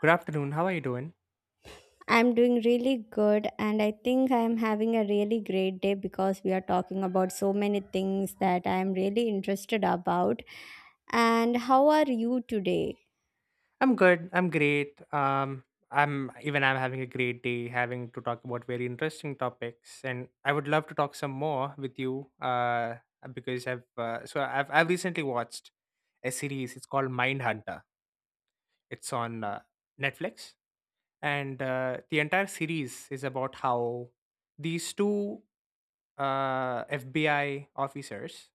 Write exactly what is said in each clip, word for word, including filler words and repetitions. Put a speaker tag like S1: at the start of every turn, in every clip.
S1: Good afternoon. How are you doing?
S2: I'm doing really good, and I think I'm having a really great day because we are talking about so many things that I'm really interested about. And how are you today?
S1: I'm good. I'm great. Um, I'm even I'm having a great day, having to talk about very interesting topics, and I would love to talk some more with you. Uh, because I've uh, so I've I've recently watched a series. It's called Mindhunter. It's on uh, Netflix, and uh, the entire series is about how these two uh, F B I officers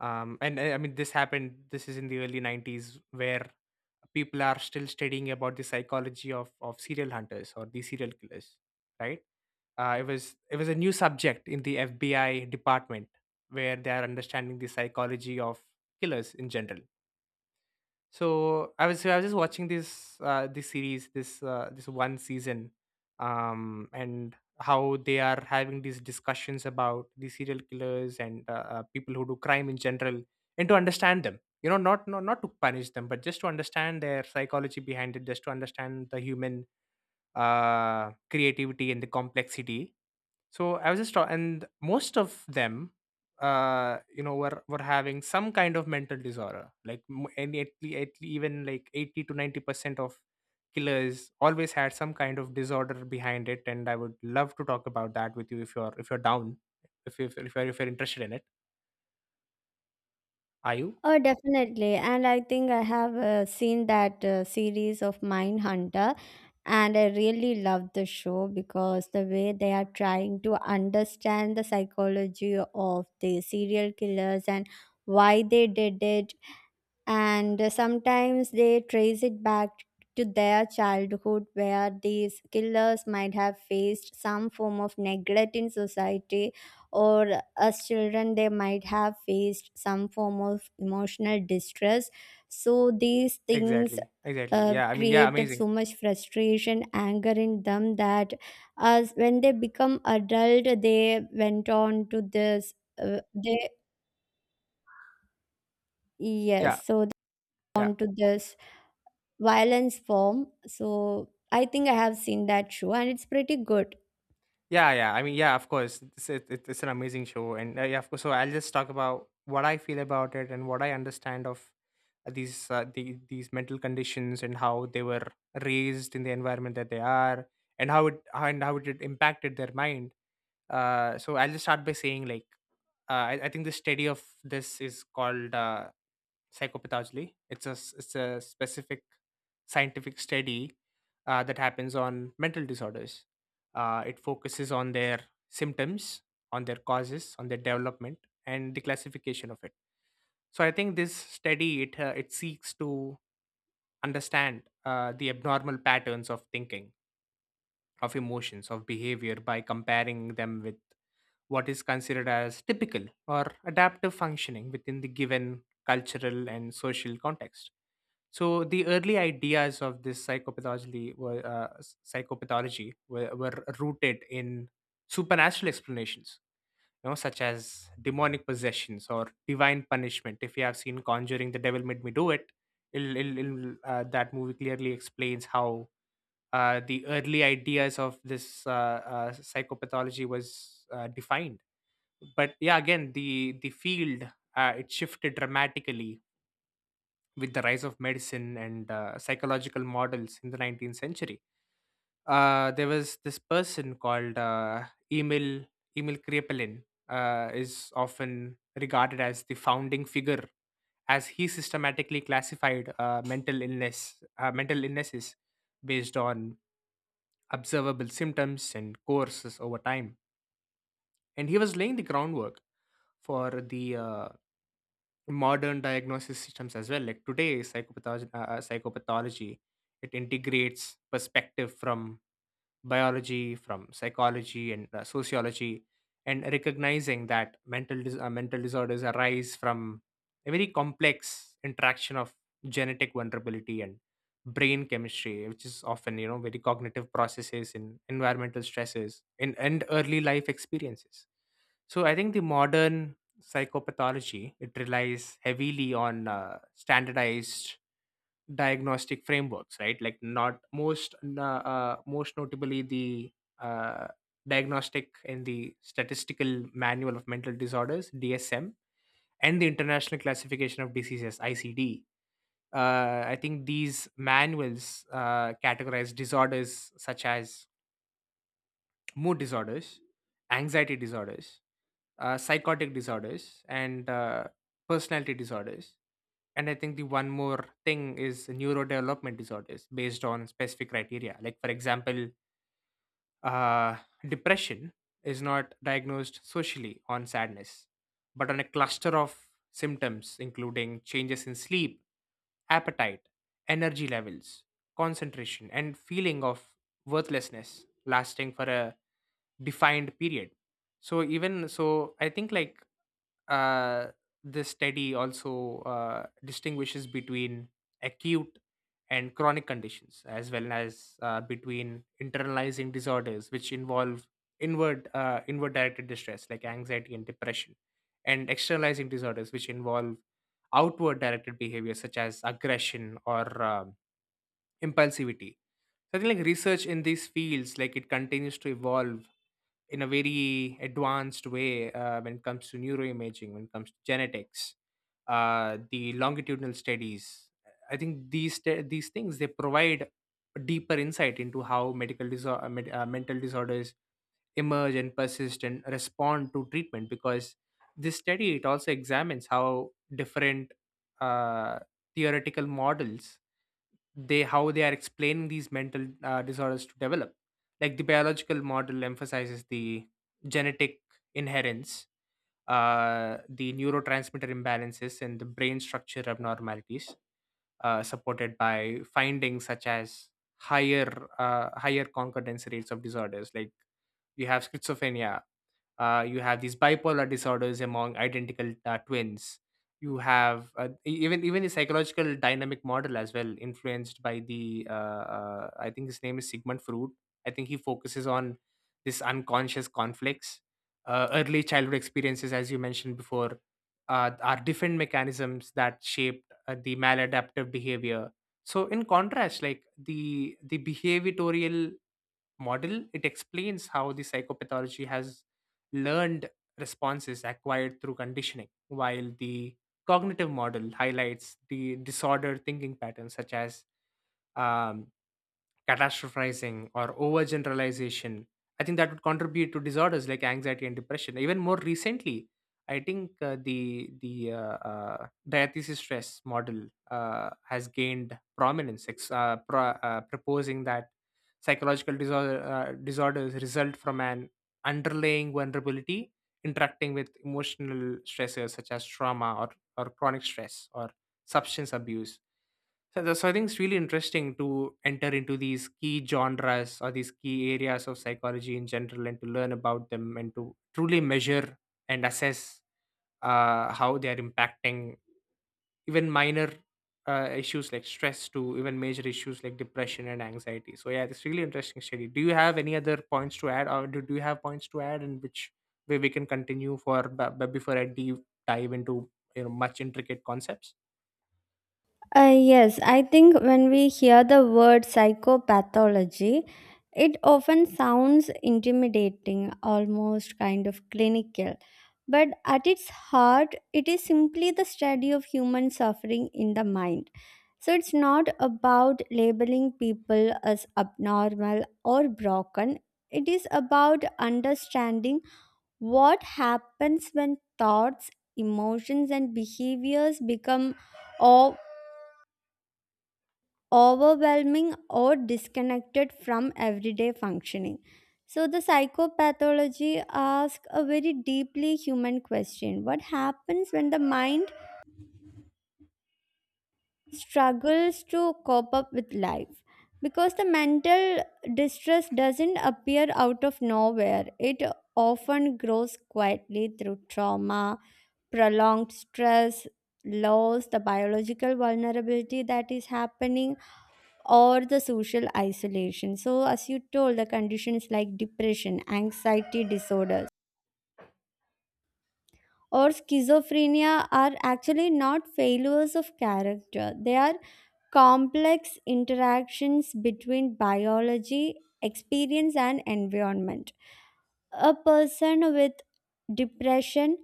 S1: um, and uh, I mean this happened. This is in the early nineties where people are still studying about the psychology of of serial hunters or the serial killers, right? Uh, it was it was a new subject in the F B I department where they are understanding the psychology of killers in general. So I was so I was just watching this uh, this series, this uh, this one season, um, and how they are having these discussions about the serial killers and uh, uh, people who do crime in general, and to understand them. You know, not not not to punish them, but just to understand their psychology behind it, just to understand the human uh, creativity and the complexity. So I was just talking, and most of them, uh, you know, were were having some kind of mental disorder. Like m- and at, le- at le- Even like eighty to ninety percent of killers always had some kind of disorder behind it. And I would love to talk about that with you if you're if you're down, if you if you're, if you're if you're interested in it. Are you?
S2: Oh, definitely. And I think I have uh, seen that uh, series of Mindhunter, and I really love the show because the way they are trying to understand the psychology of the serial killers and why they did it and uh, sometimes they trace it back to their childhood where these killers might have faced some form of neglect in society, or as children they might have faced some form of emotional distress. So these things
S1: Exactly. Exactly.
S2: uh,
S1: Yeah. I mean, yeah.
S2: created
S1: Amazing.
S2: so much frustration, anger in them that as when they become adult they went on to this uh, they
S1: Yeah.
S2: yes so they
S1: Yeah.
S2: on to this violence form. So I think I have seen that show and it's pretty good.
S1: Yeah, yeah. I mean, yeah, of course. It's, it, it- it's an amazing show. And uh, yeah, of course. So I'll just talk about what I feel about it and what I understand of uh, these uh, the, these mental conditions and how they were raised in the environment that they are, and how it how and how it impacted their mind. Uh, so i'll just start by saying, like uh, I, I think the study of this is called uh, psychopathology. It's a s- it's a specific scientific study uh, that happens on mental disorders. Uh, it focuses on their symptoms, on their causes, on their development, and the classification of it. So I think this study it uh, it seeks to understand uh, the abnormal patterns of thinking, of emotions, of behavior by comparing them with what is considered as typical or adaptive functioning within the given cultural and social context. So the early ideas of this psychopathology were uh, s- psychopathology were, were rooted in supernatural explanations, you know, such as demonic possessions or divine punishment. If you have seen Conjuring, the devil made me do it. It'll, it'll, it'll, uh, that movie clearly explains how uh, the early ideas of this uh, uh, psychopathology was uh, defined. But yeah, again, the the field, uh, it shifted dramatically with the rise of medicine and uh, psychological models in the nineteenth century. Uh, there was this person called uh, emil emil krepelin, uh, is often regarded as the founding figure, as he systematically classified uh, mental illness uh, mental illnesses based on observable symptoms and courses over time, and he was laying the groundwork for the uh, modern diagnosis systems as well. Like today psychopathology, uh, uh, psychopathology, it integrates perspective from biology, from psychology, and uh, sociology, and recognizing that mental dis- uh, mental disorders arise from a very complex interaction of genetic vulnerability and brain chemistry, which is often, you know, very cognitive processes in environmental stresses in and early life experiences. So I think the modern psychopathology, it relies heavily on uh, standardized diagnostic frameworks, right? Like not most, uh, uh, Most notably the uh, diagnostic in the Statistical Manual of Mental Disorders (D S M) and the International Classification of Diseases (I C D). Uh, I think these manuals uh, categorize disorders such as mood disorders, anxiety disorders, uh, psychotic disorders, and uh, personality disorders. And I think the one more thing is neurodevelopment disorders based on specific criteria. Like, for example, uh, depression is not diagnosed socially on sadness, but on a cluster of symptoms, including changes in sleep, appetite, energy levels, concentration, and feeling of worthlessness lasting for a defined period. So even so, I think like uh, this study also uh, distinguishes between acute and chronic conditions, as well as uh, between internalizing disorders, which involve inward uh, inward directed distress like anxiety and depression, and externalizing disorders, which involve outward directed behaviors such as aggression or um impulsivity. So I think like research in these fields, like, it continues to evolve in a very advanced way, uh, when it comes to neuroimaging, when it comes to genetics, uh, the longitudinal studies. I think these st- These things, they provide a deeper insight into how medical disorder, uh, mental disorders emerge and persist and respond to treatment, because this study, it also examines how different uh, theoretical models, they how they are explaining these mental uh, disorders to develop. Like the biological model emphasizes the genetic inherence, uh, the neurotransmitter imbalances, and the brain structure abnormalities, uh, supported by findings such as higher uh, higher concordance rates of disorders like you have schizophrenia, uh, you have these bipolar disorders among identical uh, twins. You have uh, e- even even the psychological dynamic model as well, influenced by the uh, uh, I think his name is sigmund freud. I think he focuses on this unconscious conflicts, uh, early childhood experiences, as you mentioned before, uh, are different mechanisms that shaped uh, the maladaptive behavior. So in contrast, like, the the behavioral model, it explains how the psychopathology has learned responses acquired through conditioning, while the cognitive model highlights the disorder thinking patterns such as um, catastrophizing or overgeneralization. I think that would contribute to disorders like anxiety and depression. Even more recently, I think uh, the the uh, uh, diathesis stress model uh, has gained prominence, ex- uh, pro- uh, proposing that psychological disorder, uh, disorders result from an underlying vulnerability interacting with emotional stressors such as trauma, or, or chronic stress, or substance abuse. So, the- so I think it's really interesting to enter into these key genres or these key areas of psychology in general, and to learn about them and to truly measure and assess uh, how they are impacting even minor uh, issues like stress to even major issues like depression and anxiety. So yeah, it's really interesting study. Do you have any other points to add, or do, do you have points to add in which way we can continue for, but but before I deep dive into, you know, much intricate concepts?
S2: Uh, yes, I think when we hear the word psychopathology, it often sounds intimidating, almost kind of clinical. But at its heart, it is simply the study of human suffering in the mind. So it's not about labeling people as abnormal or broken, it is about understanding. What happens when thoughts, emotions, and behaviors become o- overwhelming or disconnected from everyday functioning? So, the psychopathology asks a very deeply human question: what happens when the mind struggles to cope up with life, because the mental distress doesn't appear out of nowhere. It often grows quietly through trauma, prolonged stress, loss, the biological vulnerability that is happening, or the social isolation. So as you told, the conditions like depression, anxiety disorders, or schizophrenia are actually not failures of character. They are complex interactions between biology, experience, and environment. A person with depression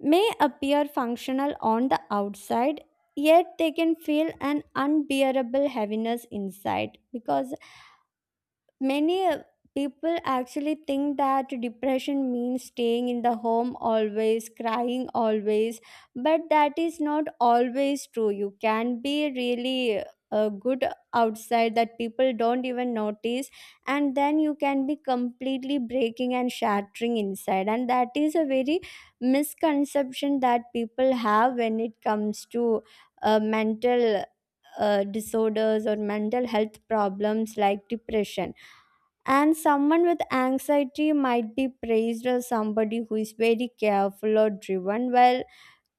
S2: may appear functional on the outside, yet they can feel an unbearable heaviness inside, because many uh, people actually think that depression means staying in the home always, crying always, but that is not always true. You can be really uh, good outside that people don't even notice, and then you can be completely breaking and shattering inside. And that is a very misconception that people have when it comes to uh, mental uh, disorders or mental health problems like depression. And someone with anxiety might be praised as somebody who is very careful or driven while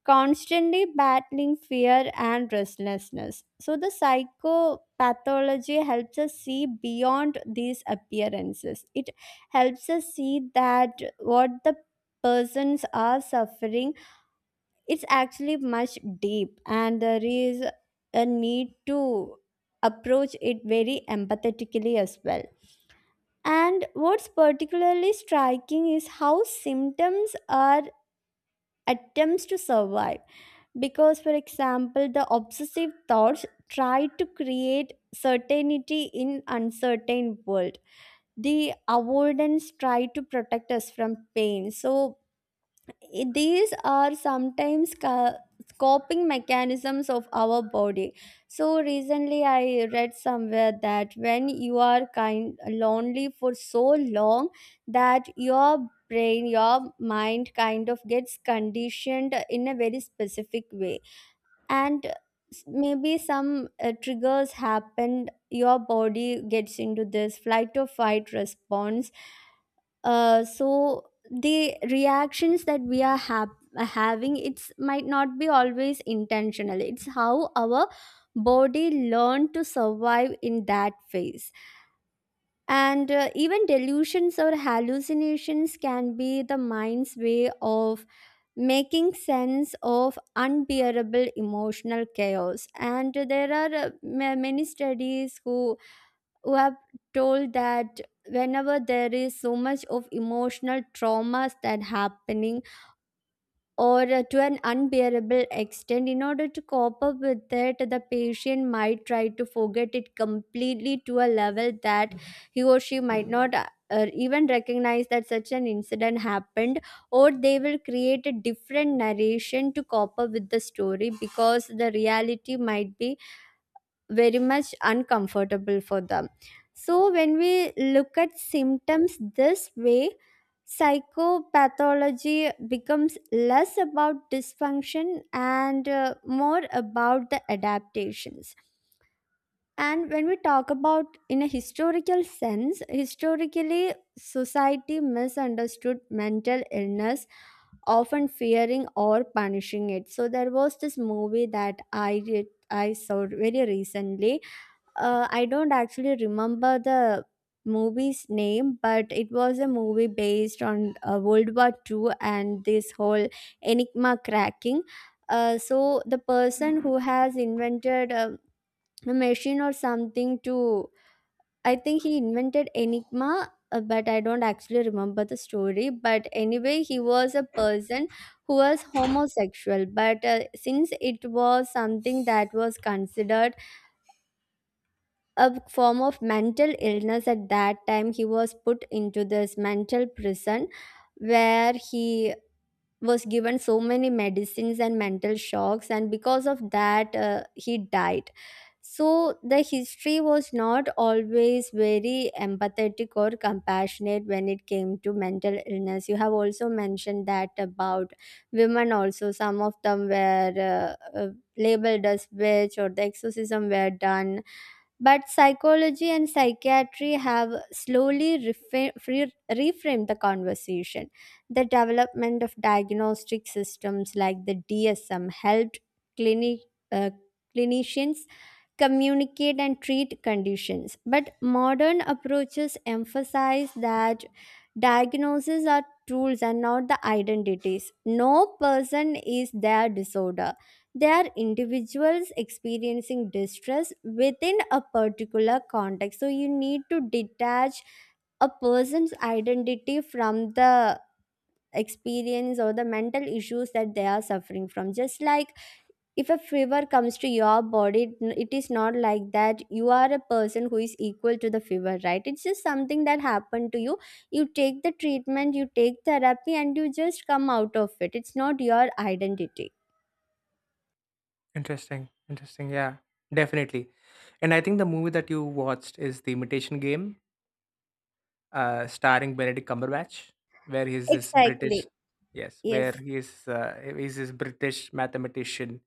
S2: constantly battling fear and restlessness. So, the psychopathology helps us see beyond these appearances. It helps us see that what the persons are suffering it's actually much deep, and there is a need to approach it very empathetically as well. And what's particularly striking is how symptoms are attempts to survive. Because, for example, the obsessive thoughts try to create certainty in uncertain world. The avoidance try to protect us from pain. So I- these are sometimes ca- coping mechanisms of our body. So recently I read somewhere that when you are kind lonely for so long, that your brain, your mind kind of gets conditioned in a very specific way, and s- maybe some uh, triggers happen, your body gets into this flight or fight response. Uh, so the reactions that we are hap- having, it's might not be always intentional. It's how our body learned to survive in that phase. And uh, even delusions or hallucinations can be the mind's way of making sense of unbearable emotional chaos. And there are uh, ma- many studies who who have told that whenever there is so much of emotional traumas that happening, or uh, to an unbearable extent, in order to cope up with it the patient might try to forget it completely to a level that he or she might not uh, uh, even recognize that such an incident happened, or they will create a different narration to cope up with the story because the reality might be very much uncomfortable for them. So, when we look at symptoms this way, psychopathology becomes less about dysfunction and uh, more about the adaptations. And when we talk about in a historical sense, historically, society misunderstood mental illness, often fearing or punishing it. So there was this movie that I did, I saw very recently. uh, I don't actually remember the movie's name, but it was a movie based on uh, World War Two and this whole Enigma cracking. Uh, so the person who has invented um a machine or something to, I think he invented Enigma. uh, But I don't actually remember the story. But anyway, he was a person who was homosexual. But uh, since it was something that was considered a form of mental illness at that time, he was put into this mental prison where he was given so many medicines and mental shocks, and because of that uh, he died. So the history was not always very empathetic or compassionate when it came to mental illness. You have also mentioned that about women also, some of them were uh, uh, labeled as witch or the exorcism were done. But psychology and psychiatry have slowly refa- re- reframed the conversation. The development of diagnostic systems like the D S M helped clini- uh, clinicians communicate and treat conditions. But modern approaches emphasize that diagnoses are tools and not the identities. No person is their disorder. They are individuals experiencing distress within a particular context. So you need to detach a person's identity from the experience or the mental issues that they are suffering from. Just like if a fever comes to your body, it it is not like that you are a person who is equal to the fever, right? It's just something that happened to you. You take the treatment, you take therapy, and you just come out of it. It's not your identity
S1: Interesting. Interesting. Yeah, definitely. And I think the movie that you watched is The Imitation Game, uh, starring Benedict Cumberbatch, where he's this British,
S2: exactly
S1: yes, where
S2: yes.
S1: he is uh, he's this British mathematician,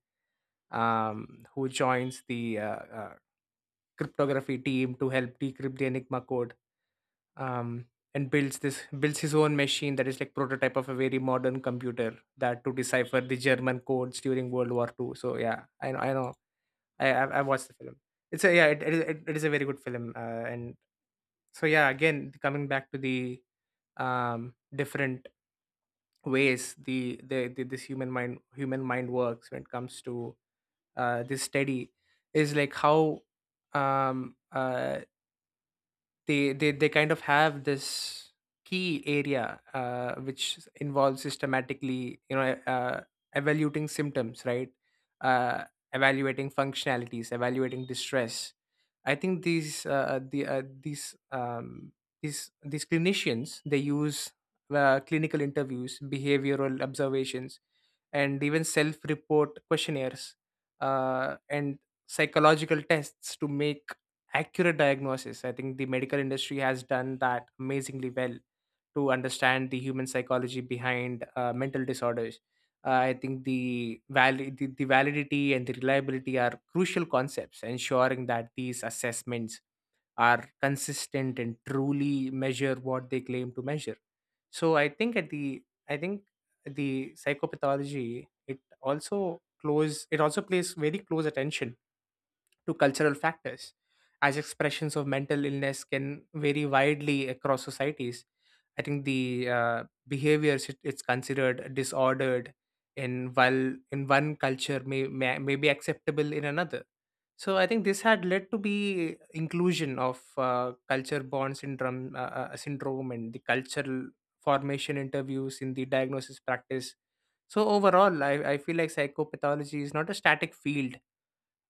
S1: um, who joins the uh, uh, cryptography team to help decrypt the Enigma code. um, and builds this builds his own machine that is like prototype of a very modern computer that to decipher the German codes during World War Two. So yeah, I know, I know, I I, I watched the film. It's a, yeah, it, it, is- it, it is a very good film. Uh, and so yeah, again, coming back to the um, different ways the, the the this human mind human mind works when it comes to uh, this study. Is like how um, uh, they they they kind of have this key area, uh, which involves systematically, you know, uh, evaluating symptoms, right, uh, evaluating functionalities, evaluating distress. I think these uh, the uh, these um, these these clinicians, they use uh, clinical interviews, behavioral observations, and even self-report questionnaires uh, and psychological tests to make accurate diagnosis. I think the medical industry has done that amazingly well to understand the human psychology behind uh, mental disorders. uh, I think the, valid, the the validity and the reliability are crucial concepts, ensuring that these assessments are consistent and truly measure what they claim to measure. So I think at the I think the psychopathology, it also close it also plays very close attention to cultural factors, as expressions of mental illness can vary widely across societies. I think the uh, behaviors, it, it's considered disordered in, while in one culture, may, may may be acceptable in another. So I think this had led to be inclusion of uh, culture bond syndrome, uh, uh, syndrome, and the cultural formation interviews in the diagnosis practice. So overall, I, I feel like psychopathology is not a static field,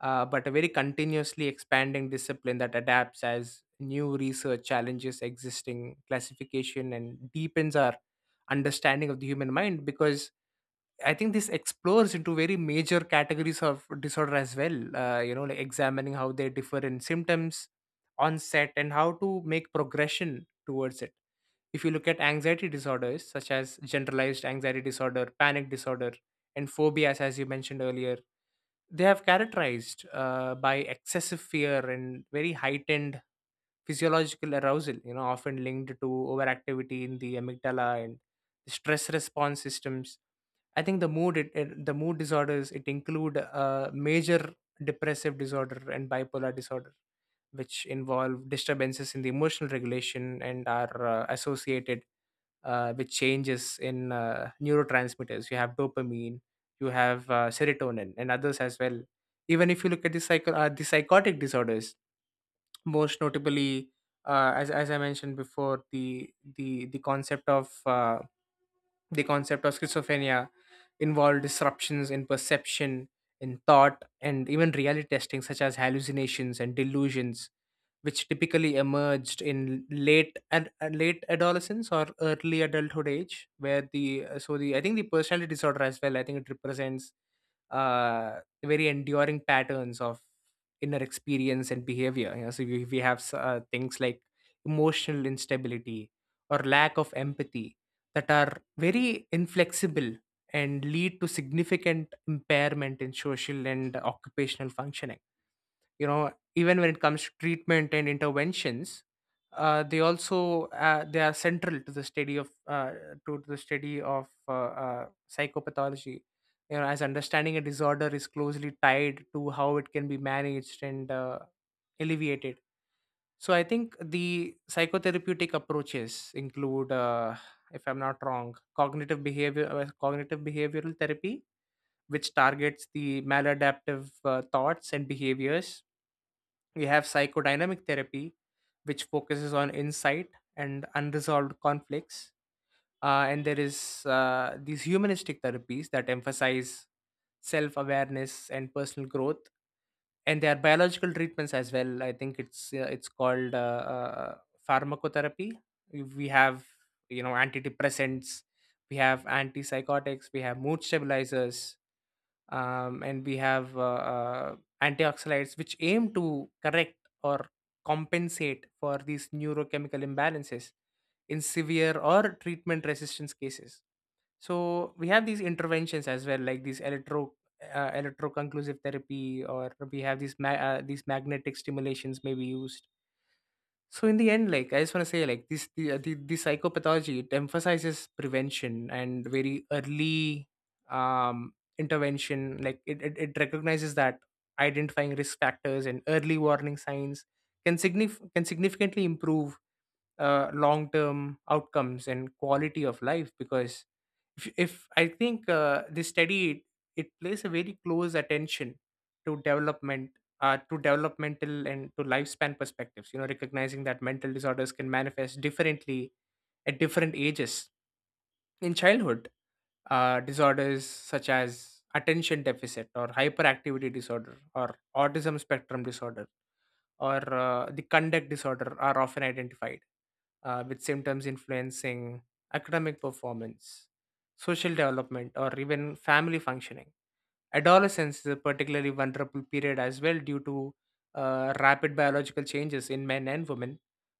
S1: uh, but a very continuously expanding discipline that adapts as new research challenges existing classification and deepens our understanding of the human mind, because I think this explores into very major categories of disorder as well. Uh, you know, like, examining how they differ in symptoms, onset, and how to make progression towards it. If you look at anxiety disorders such as generalized anxiety disorder, panic disorder, and phobias, as you mentioned earlier, they have characterized uh, by excessive fear and very heightened physiological arousal, you know, often linked to overactivity in the amygdala and stress response systems. I think the mood it, it the mood disorders it include uh, major depressive disorder and bipolar disorder, which involve disturbances in the emotional regulation and are uh, associated uh, with changes in uh, neurotransmitters. You have dopamine, you have uh, serotonin, and others as well. Even if you look at the psycho uh, the psychotic disorders, most notably, uh, as as I mentioned before, the the the concept of uh, the concept of schizophrenia involved disruptions in perception, in thought, and even reality testing, such as hallucinations and delusions, which typically emerged in late ad- uh, late adolescence or early adulthood age, where the uh, so the I think the personality disorder as well. I think it represents uh, very enduring patterns of inner experience and behavior. You know, so we, we have s- uh, things like emotional instability or lack of empathy that are very inflexible and lead to significant impairment in social and occupational functioning. You know, even when it comes to treatment and interventions, uh, they also uh, they are central to the study of uh, to the study of uh, uh, psychopathology. You know, as understanding a disorder is closely tied to how it can be managed and uh, alleviated. So I think the psychotherapeutic approaches include, uh, if I'm not wrong, cognitive behavior, uh, cognitive behavioral therapy, which targets the maladaptive uh, thoughts and behaviors. We have psychodynamic therapy, which focuses on insight and unresolved conflicts. Uh, and there is uh, these humanistic therapies that emphasize self-awareness and personal growth, and there are biological treatments as well. I think it's uh, it's called uh, uh, pharmacotherapy. We have, you know, antidepressants, we have antipsychotics, we have mood stabilizers, um, and we have uh, uh, antioxidants, which aim to correct or compensate for these neurochemical imbalances in severe or treatment resistance cases. So we have these interventions as well, like these electro uh, electroconclusive therapy, or we have these ma- uh, these magnetic stimulations may be used. So in the end, like, I just want to say, like, this the, uh, the, the psychopathology it emphasizes prevention and very early um intervention. Like it, it, it recognizes that identifying risk factors and early warning signs can signif- can significantly improve uh, long term outcomes and quality of life. Because if, if I think uh, they study it, it plays a very close attention to development, uh, to developmental and to lifespan perspectives, you know, recognizing that mental disorders can manifest differently at different ages. In childhood, uh, disorders such as attention deficit or hyperactivity disorder or autism spectrum disorder or uh, the conduct disorder are often identified, uh, with symptoms influencing academic performance, social development, or even family functioning. Adolescence is a particularly vulnerable period as well, due to uh, rapid biological changes in men and women,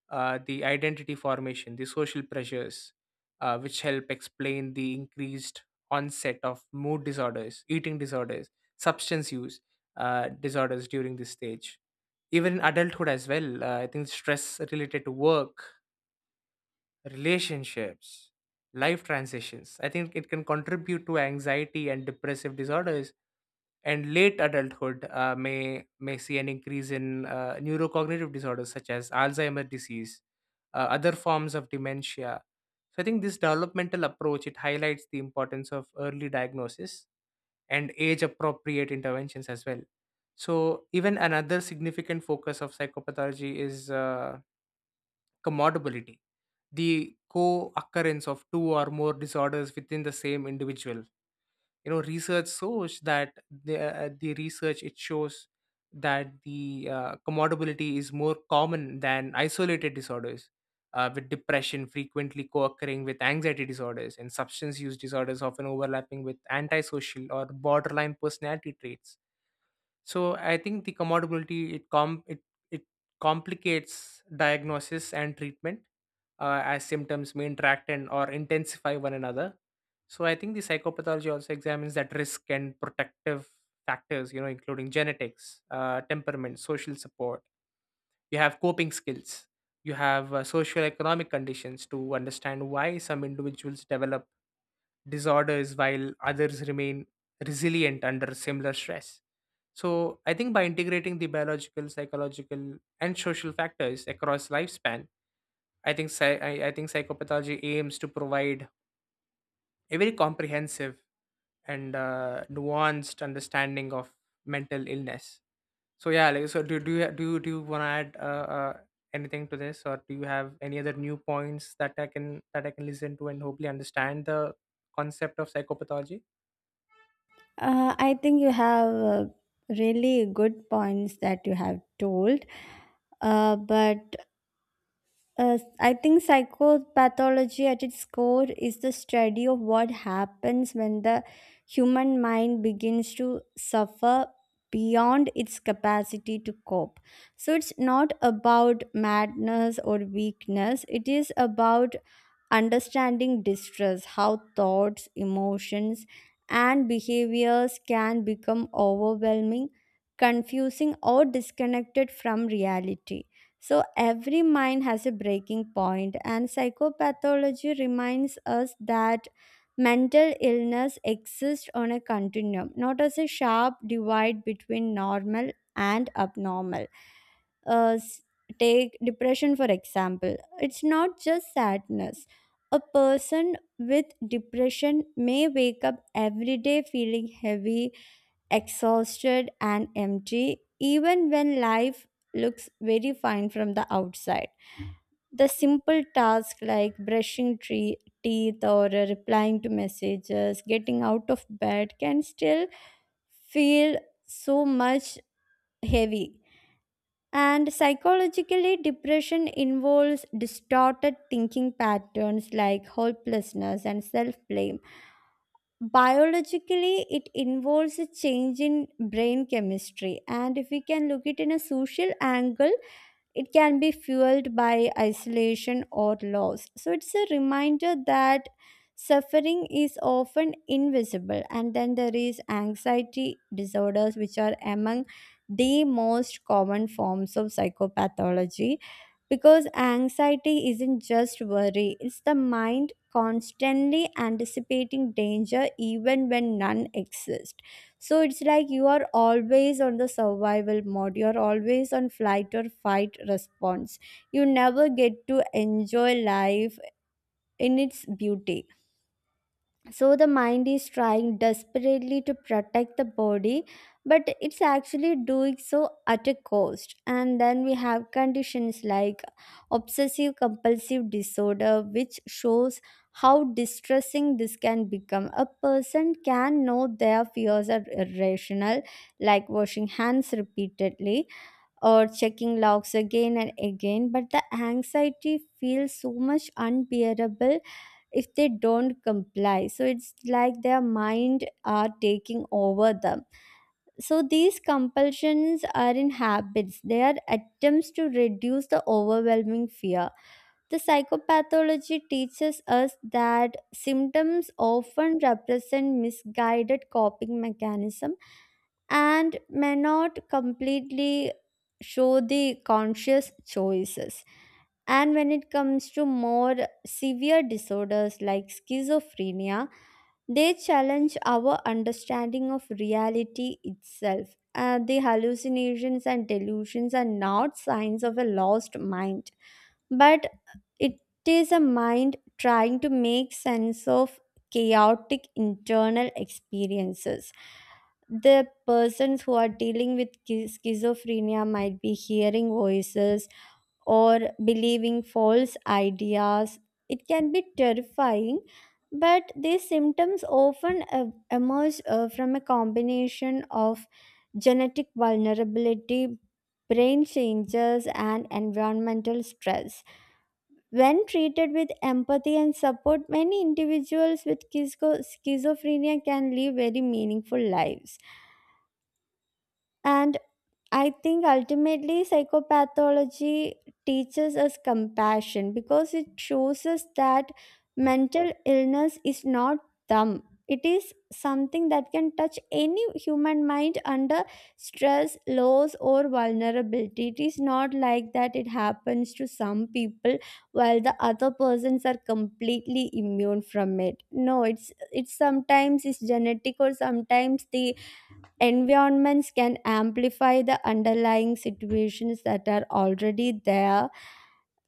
S1: uh, the identity formation, the social pressures, uh, which help explain the increased onset of mood disorders, eating disorders, substance use uh, disorders during this stage. Even in adulthood as well, uh, I think stress related to work, relationships, life transitions. I think it can contribute to anxiety and depressive disorders. And late adulthood uh, may may see an increase in uh, neurocognitive disorders such as Alzheimer's disease, uh, other forms of dementia. So I think this developmental approach it highlights the importance of early diagnosis and age appropriate interventions as well. So even another significant focus of psychopathology is uh, commodability, the co-occurrence of two or more disorders within the same individual. You know, research shows that the uh, the research it shows that the uh, commodability is more common than isolated disorders, uh, with depression frequently co-occurring with anxiety disorders, and substance use disorders often overlapping with antisocial or borderline personality traits. So I think the commodability it com it it complicates diagnosis and treatment, uh, as symptoms may interact and or intensify one another. So I think the psychopathology also examines that risk and protective factors, you know, including genetics, uh, temperament, social support. You have coping skills. You have uh, socioeconomic conditions to understand why some individuals develop disorders while others remain resilient under similar stress. So I think by integrating the biological, psychological, and social factors across lifespan, I think psy- I, I think psychopathology aims to provide a very comprehensive and uh, nuanced understanding of mental illness. So yeah, like, so, do do you do you, do you want to add uh, uh, anything to this, or do you have any other new points that I can that I can listen to and hopefully understand the concept of psychopathology?
S2: Uh, i think you have uh, really good points that you have told. Uh, but Uh, I think psychopathology at its core is the study of what happens when the human mind begins to suffer beyond its capacity to cope. So it's not about madness or weakness, it is about understanding distress, how thoughts, emotions, and behaviors can become overwhelming, confusing, or disconnected from reality. So every mind has a breaking point, and psychopathology reminds us that mental illness exists on a continuum, not as a sharp divide between normal and abnormal. Uh, s- Take depression for example. It's not just sadness. A person with depression may wake up every day feeling heavy, exhausted and empty, even when life looks very fine from the outside. The simple tasks like brushing tree, teeth, or uh, replying to messages, getting out of bed can still feel so much heavy. And psychologically, depression involves distorted thinking patterns like hopelessness and self blame. Biologically it involves a change in brain chemistry, and if we can look it in a social angle, it can be fueled by isolation or loss. So it's a reminder that suffering is often invisible. And then there is anxiety disorders, which are among the most common forms of psychopathology, because anxiety isn't just worry, it's the mind constantly anticipating danger even when none exists. So it's like you are always on the survival mode. You're always on flight or fight response. You never get to enjoy life in its beauty. So the mind is trying desperately to protect the body, but it's actually doing so at a cost. And then we have conditions like obsessive compulsive disorder, which shows how distressing this can become. A person can know their fears are irrational, like washing hands repeatedly, or checking logs again and again, but the anxiety feels so much unbearable if they don't comply. So it's like their mind are taking over them. So these compulsions are in habits. They are attempts to reduce the overwhelming fear. The psychopathology teaches us that symptoms often represent misguided coping mechanism and may not completely show the conscious choices. And when it comes to more severe disorders like schizophrenia, they challenge our understanding of reality itself. Uh, the hallucinations and delusions are not signs of a lost mind, but it is a mind trying to make sense of chaotic internal experiences. The persons who are dealing with schi- schizophrenia might be hearing voices or believing false ideas. It can be terrifying, but these symptoms often uh, emerge uh, from a combination of genetic vulnerability, brain changes, and environmental stress. When treated with empathy and support, many individuals with schizo- schizophrenia can live very meaningful lives. And I think ultimately psychopathology teaches us compassion, because it shows us that mental illness is not dumb. It is something that can touch any human mind under stress, loss, or vulnerability. It is not like that it happens to some people while the other persons are completely immune from it. No, it's it's sometimes it's genetic, or sometimes the environments can amplify the underlying situations that are already there.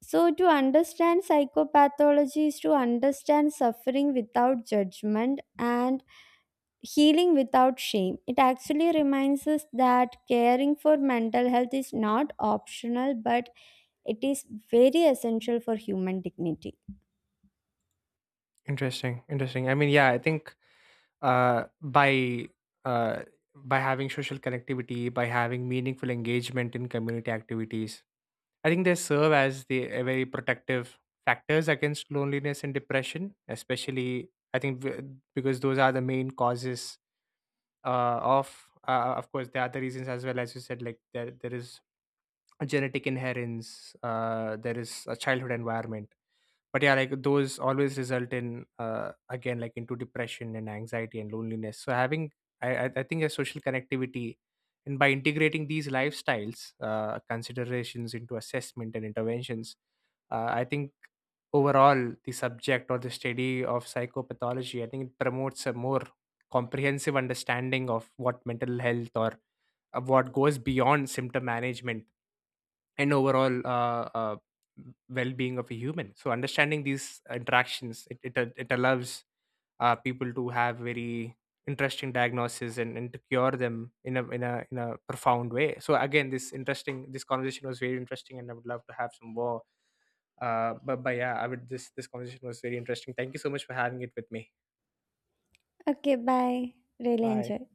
S2: So, to understand psychopathology is to understand suffering without judgment and healing without shame. It actually reminds us that caring for mental health is not optional, but it is very essential for human dignity.
S1: Interesting, interesting. I mean, yeah, I think uh, by uh, by having social connectivity, by having meaningful engagement in community activities, I think they serve as the a very protective factors against loneliness and depression, especially I think w- because those are the main causes uh, of. Uh, of course, there are other reasons as well, as you said, like there there is genetic inheritance, uh, there is a childhood environment, but yeah, like those always result in, uh, again, like into depression and anxiety and loneliness. So having i i I think a social connectivity and by integrating these lifestyles uh, considerations into assessment and interventions, uh, I think overall the subject or the study of psychopathology, I think it promotes a more comprehensive understanding of what mental health, or of what goes beyond symptom management and overall uh, uh, well-being of a human. So understanding these interactions it, it, it allows uh, people to have very interesting diagnosis, and, and to cure them in a, in a in a profound way. So again, this interesting, this conversation was very interesting and I would love to have some more. Uh, but, but yeah, I would, this this conversation was very interesting. Thank you so much for having it with me.
S2: Okay, bye. Really
S1: Bye.
S2: enjoy.